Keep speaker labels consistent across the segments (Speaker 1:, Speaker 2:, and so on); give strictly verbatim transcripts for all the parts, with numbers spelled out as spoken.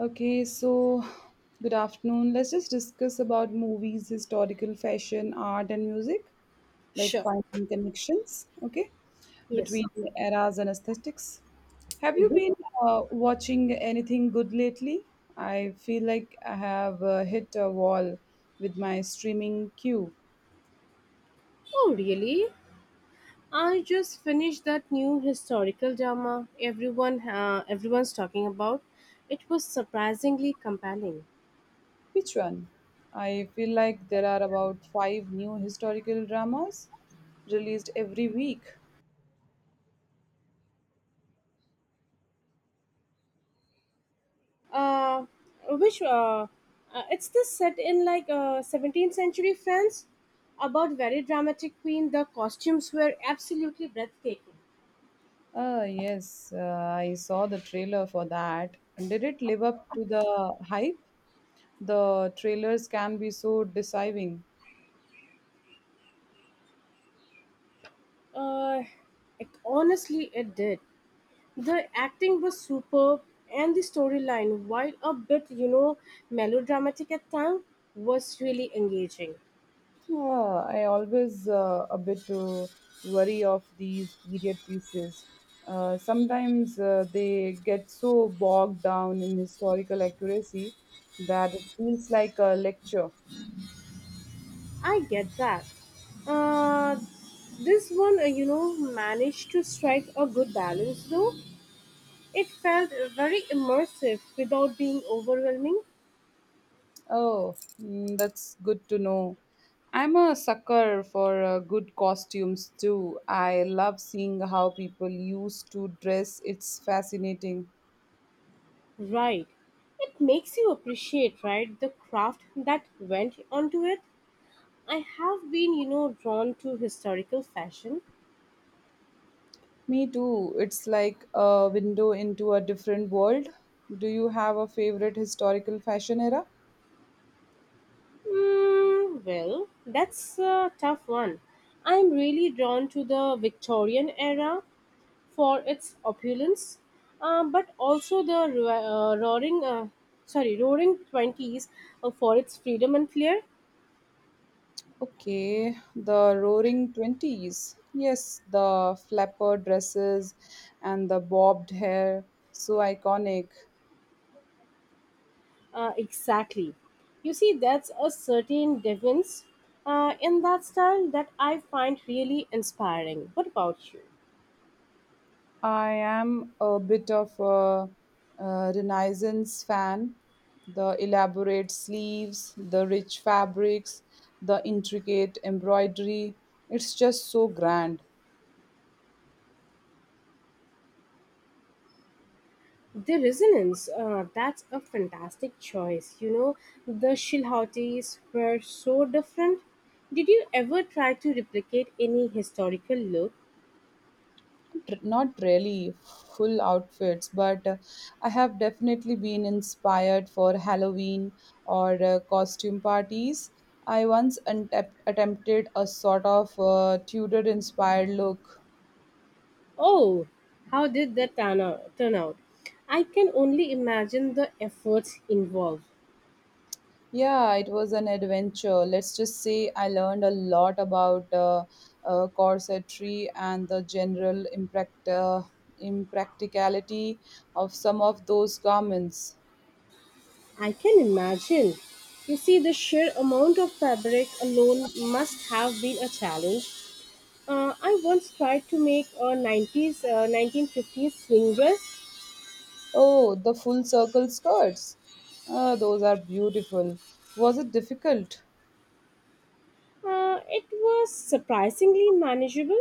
Speaker 1: Okay, so good afternoon. Let's just discuss about movies, historical fashion, art, and music, like
Speaker 2: Sure.
Speaker 1: finding connections, okay, between
Speaker 2: Yes.
Speaker 1: eras and aesthetics. Have you
Speaker 2: hmm
Speaker 1: been uh, watching anything good lately? I feel like I have uh, hit a wall with my streaming queue.
Speaker 2: Oh, really? I just finished that new historical drama everyone uh, everyone's talking about. It was surprisingly compelling.
Speaker 1: Which one? I feel like there are about five new historical dramas released every week.
Speaker 2: Uh, which uh, uh, It's this set in like uh, seventeenth century France about very dramatic queen. The costumes were absolutely breathtaking.
Speaker 1: Uh, yes, uh, I saw the trailer for that. Did it live up to the hype? The trailers can be so deceiving.
Speaker 2: Uh, it, Honestly, it did. The acting was superb, and the storyline, while a bit, you know, melodramatic at times, was really engaging.
Speaker 1: Uh, I always uh, a bit to worry of these period pieces. Uh, sometimes uh, they get so bogged down in historical accuracy that it feels like a lecture.
Speaker 2: I get that. Uh, this one, uh, you know, managed to strike a good balance, though. It felt very immersive without being overwhelming.
Speaker 1: Oh, mm, that's good to know. I'm a sucker for uh, good costumes too. I love seeing how people used to dress. It's fascinating.
Speaker 2: Right. It makes you appreciate, right, the craft that went onto it. I have been, you know, drawn to historical fashion.
Speaker 1: Me too. It's like a window into a different world. Do you have a favorite historical fashion era?
Speaker 2: Mm, well, that's a tough one. I'm really drawn to the Victorian era for its opulence, um, but also the ro- uh, roaring, uh, sorry, roaring twenties uh, for its freedom and flair.
Speaker 1: Okay, the roaring twenties. Yes, the flapper dresses and the bobbed hair. So iconic.
Speaker 2: Uh, exactly. You see, that's a certain deviance uh, in that style that I find really inspiring. What about you?
Speaker 1: I am a bit of a, uh Renaissance fan. The elaborate sleeves, the rich fabrics, the intricate embroidery. It's just so grand.
Speaker 2: The Resonance, uh, that's a fantastic choice. You know, the Shilhautis were so different. Did you ever try to replicate any historical look?
Speaker 1: Tr- Not really full outfits, but uh, I have definitely been inspired for Halloween or uh, costume parties. I once untep- attempted a sort of uh, Tudor inspired look.
Speaker 2: Oh, how did that turn out? Turn out? I can only imagine the efforts involved.
Speaker 1: Yeah, it was an adventure. Let's just say I learned a lot about uh, uh, corsetry and the general impact, uh, impracticality of some of those garments.
Speaker 2: I can imagine. You see, the sheer amount of fabric alone must have been a challenge. Uh, I once tried to make a nineties, uh, nineteen fifties swing dress.
Speaker 1: Oh, the full circle skirts. Ah, those are beautiful. Was it difficult?
Speaker 2: Uh, it was surprisingly manageable,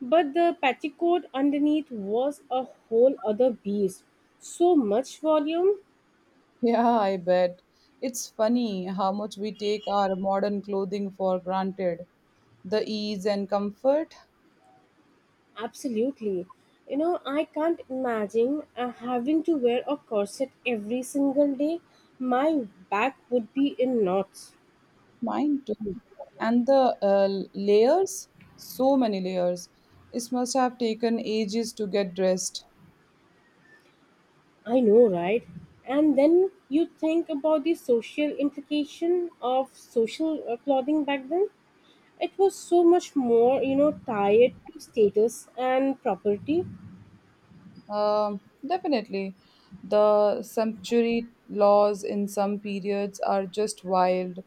Speaker 2: but the petticoat underneath was a whole other beast. So much volume,
Speaker 1: Yeah, I bet. It's funny how much we take our modern clothing for granted. The ease and comfort.
Speaker 2: absolutely. You know, I can't imagine uh, having to wear a corset every single day. My back would be in knots.
Speaker 1: Mine too. And the uh, layers, so many layers. It must have taken ages to get dressed.
Speaker 2: I know, right? And then you think about the social implication of social uh, clothing back then. It was so much more, you know, tied to status and property.
Speaker 1: Um, definitely. The sumptuary laws in some periods are just wild.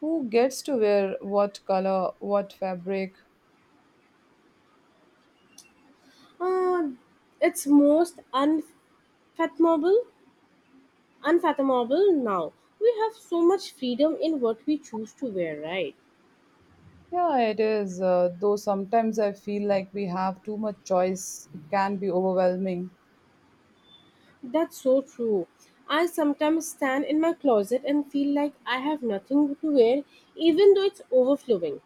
Speaker 1: Who gets to wear what color, what fabric?
Speaker 2: uh, it's most unfathomable unfathomable now. We have so much freedom in what we choose to wear, right?
Speaker 1: Yeah, it is. Uh, though sometimes I feel like we have too much choice. It can be overwhelming.
Speaker 2: That's so true. I sometimes stand in my closet and feel like I have nothing to wear, even though it's overflowing.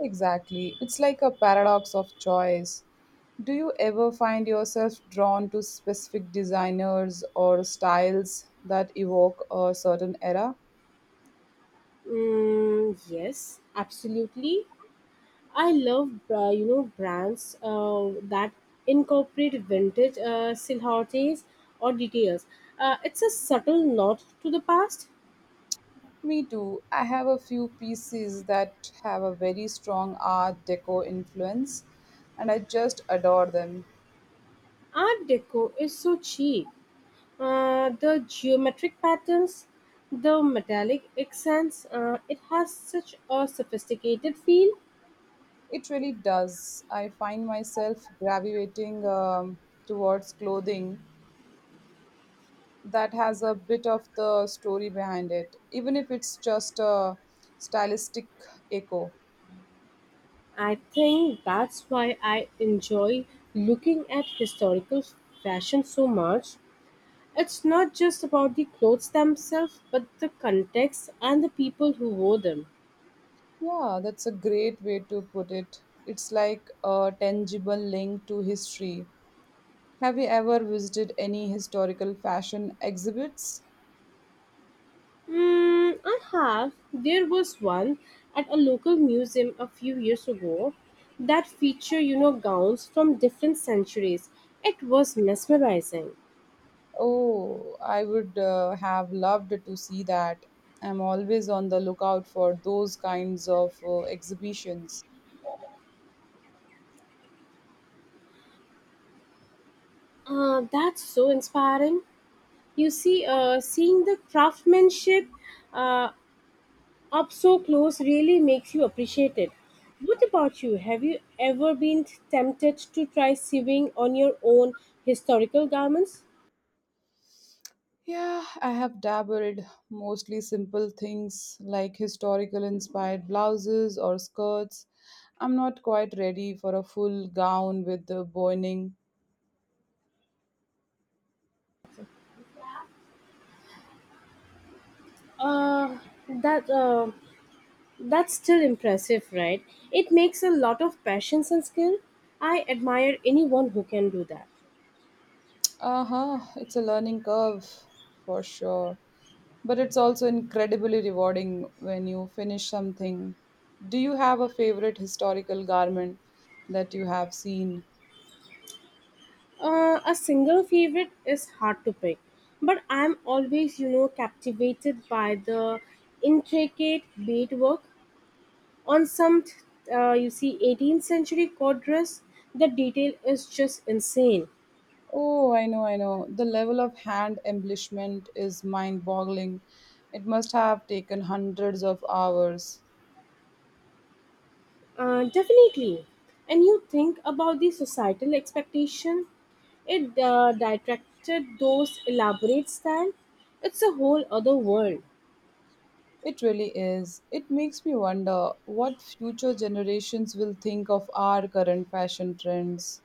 Speaker 1: Exactly. It's like a paradox of choice. Do you ever find yourself drawn to specific designers or styles that evoke a certain era?
Speaker 2: mm, Yes, absolutely. I love uh, you know brands uh, that incorporate vintage uh, silhouettes or details. Uh, it's a subtle nod to the past.
Speaker 1: Me too. I have a few pieces that have a very strong Art Deco influence, and I just adore them.
Speaker 2: Art Deco is so cheap. Uh, the geometric patterns, the metallic accents, uh, it has such a sophisticated feel.
Speaker 1: It really does. I find myself gravitating um, towards clothing that has a bit of the story behind it, even if it's just a stylistic echo.
Speaker 2: I think that's why I enjoy looking at historical fashion so much. It's not just about the clothes themselves, but the context and the people who wore them.
Speaker 1: Yeah, that's a great way to put it. It's like a tangible link to history. Have you ever visited any historical fashion exhibits?
Speaker 2: Mm, I have. There was one at a local museum a few years ago that featured, you know, gowns from different centuries. It was mesmerizing.
Speaker 1: Oh, I would uh, have loved to see that. I'm always on the lookout for those kinds of uh, exhibitions.
Speaker 2: Uh, that's so inspiring. You see, uh, seeing the craftsmanship uh, up so close really makes you appreciate it. What about you? Have you ever been tempted to try sewing on your own historical garments?
Speaker 1: Yeah, I have dabbled mostly simple things like historical inspired blouses or skirts. I'm not quite ready for a full gown with the boining.
Speaker 2: Uh, that uh, that's still impressive, right? It makes a lot of patience and skill. I admire anyone who can do that.
Speaker 1: Uh huh, it's a learning curve for sure. But it's also incredibly rewarding when you finish something. Do you have a favorite historical garment that you have seen?
Speaker 2: Uh, a single favorite is hard to pick, but I'm always, you know, captivated by the intricate beadwork on some, uh, you see, eighteenth century court dress. The detail is just insane.
Speaker 1: Oh, I know, I know. The level of hand embellishment is mind boggling. It must have taken hundreds of hours.
Speaker 2: Uh, definitely. And you think about the societal expectation, it uh, detracted those elaborate style. It's a whole other world.
Speaker 1: It really is. It makes me wonder what future generations will think of our current fashion trends.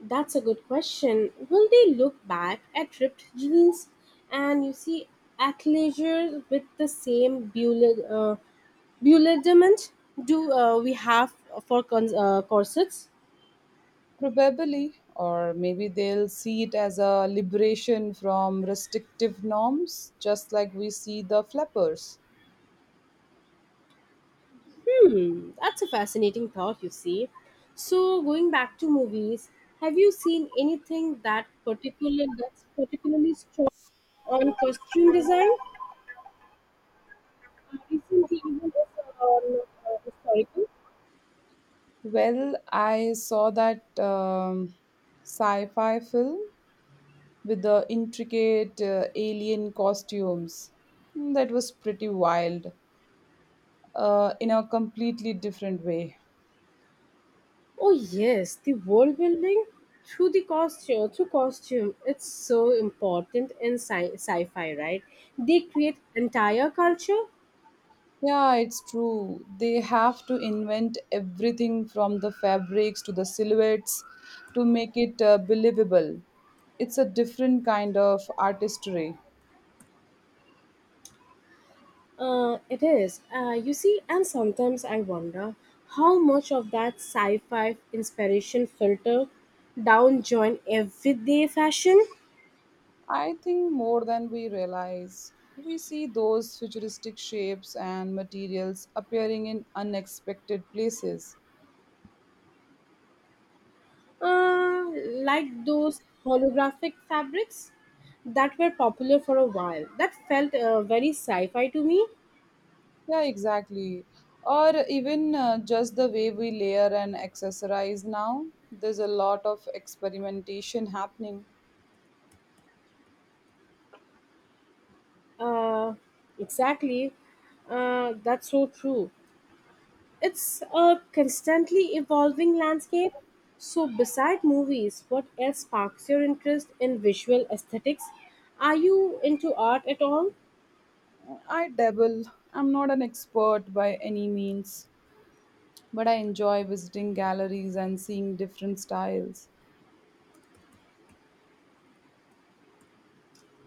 Speaker 2: That's a good question. Will they look back at ripped jeans and, you see, athleisure with the same bewilder- uh, bewilderment do uh, we have for cons- uh, corsets?
Speaker 1: Probably, or maybe they'll see it as a liberation from restrictive norms, just like we see the flappers.
Speaker 2: Hmm, that's a fascinating thought, you see. So, going back to movies, have you seen anything that particular that's particularly strong on costume design? Uh, Recently, even if on uh, historical.
Speaker 1: Well, I saw that um, sci fi film with the intricate uh, alien costumes. Mm, that was pretty wild uh, in a completely different way.
Speaker 2: Oh yes, the world building through the costume, through costume, it's so important in sci- sci-fi, right? They create entire culture.
Speaker 1: Yeah, it's true. They have to invent everything from the fabrics to the silhouettes to make it uh, believable. It's a different kind of artistry.
Speaker 2: Uh, it is. Uh, you see, and sometimes I wonder how much of that sci fi inspiration filter down join everyday fashion,
Speaker 1: I think more than we realize. We see those futuristic shapes and materials appearing in unexpected places.
Speaker 2: uh, like those holographic fabrics that were popular for a while. That felt uh, very sci fi to me.
Speaker 1: Yeah, exactly. Or even uh, just the way we layer and accessorize now. There's a lot of experimentation happening.
Speaker 2: Uh, exactly. Uh, that's so true. It's a constantly evolving landscape. So, beside movies, what else sparks your interest in visual aesthetics? Are you into art at all?
Speaker 1: I dabble. I'm not an expert by any means, but I enjoy visiting galleries and seeing different styles.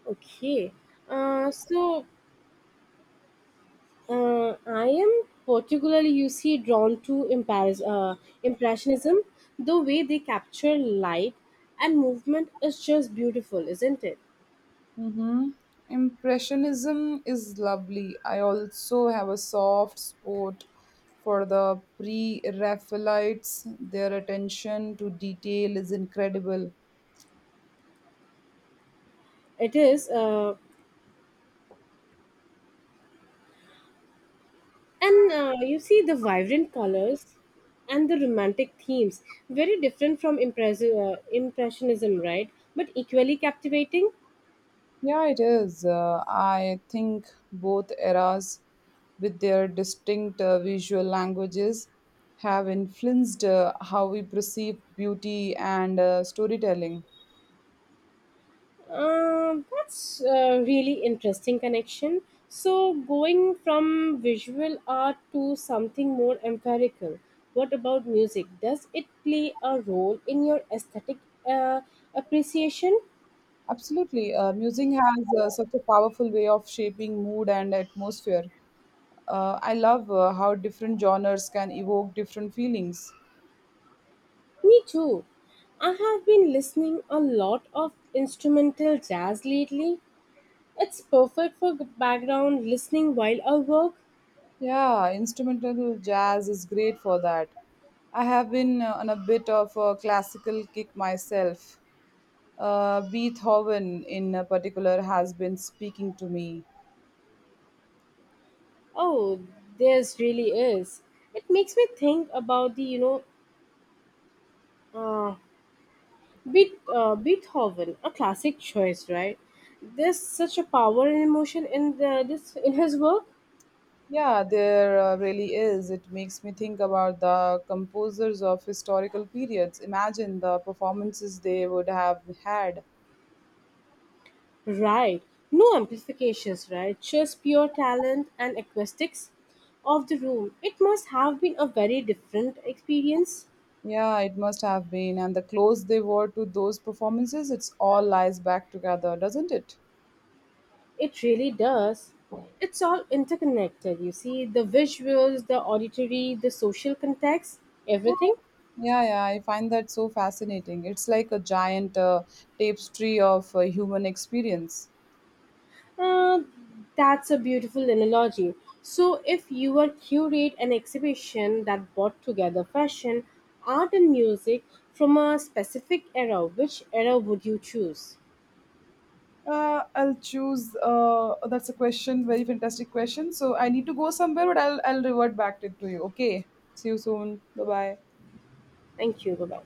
Speaker 2: Okay. Uh, so, uh, I am particularly, you see, drawn to imparis- uh, Impressionism. The way they capture light and movement is just beautiful, isn't it?
Speaker 1: Mm-hmm. Impressionism is lovely. I also have a soft spot for the pre Raphaelites. Their attention to detail is incredible.
Speaker 2: It is. Uh, And uh, You see the vibrant colors and the romantic themes, very different from impressive, uh, impressionism, right? But equally captivating.
Speaker 1: Yeah, it is. Uh, I think both eras, with their distinct uh, visual languages, have influenced uh, how we perceive beauty and uh, storytelling.
Speaker 2: Uh, that's a really interesting connection. So, going from visual art to something more empirical, what about music? Does it play a role in your aesthetic uh, appreciation?
Speaker 1: Absolutely. Uh, music has uh, such a powerful way of shaping mood and atmosphere. Uh, I love uh, how different genres can evoke different feelings.
Speaker 2: Me too. I have been listening a lot of instrumental jazz lately. It's perfect for g- background listening while I work.
Speaker 1: Yeah, instrumental jazz is great for that. I have been uh, on a bit of a classical kick myself. Uh, Beethoven, in a particular, has been speaking to me.
Speaker 2: Oh, there's really is. It makes me think about the, you know, uh, Beet, uh, Beethoven, a classic choice, right? There's such a power and emotion in the, this in his work,
Speaker 1: Yeah, there uh, really is. It makes me think about the composers of historical periods. Imagine the performances they would have had.
Speaker 2: right? No amplifications, right? Just pure talent and acoustics of the room. It must have been a very different experience.
Speaker 1: Yeah, it must have been. And the clothes they wore to those performances, it's all lies back together, doesn't it?
Speaker 2: It really does. It's all interconnected, you see, the visuals, the auditory, the social context, everything.
Speaker 1: Yeah, yeah, I find that so fascinating. It's like a giant uh, tapestry of uh, human experience.
Speaker 2: Uh, that's a beautiful analogy. So, if you were curate an exhibition that brought together fashion, art, and music from a specific era, which era would you choose?
Speaker 1: Uh, I'll choose. Uh, that's a question, very fantastic question. So I need to go somewhere, but I'll I'll revert back to, to you. Okay. See you soon. Bye bye.
Speaker 2: Thank you. Bye bye.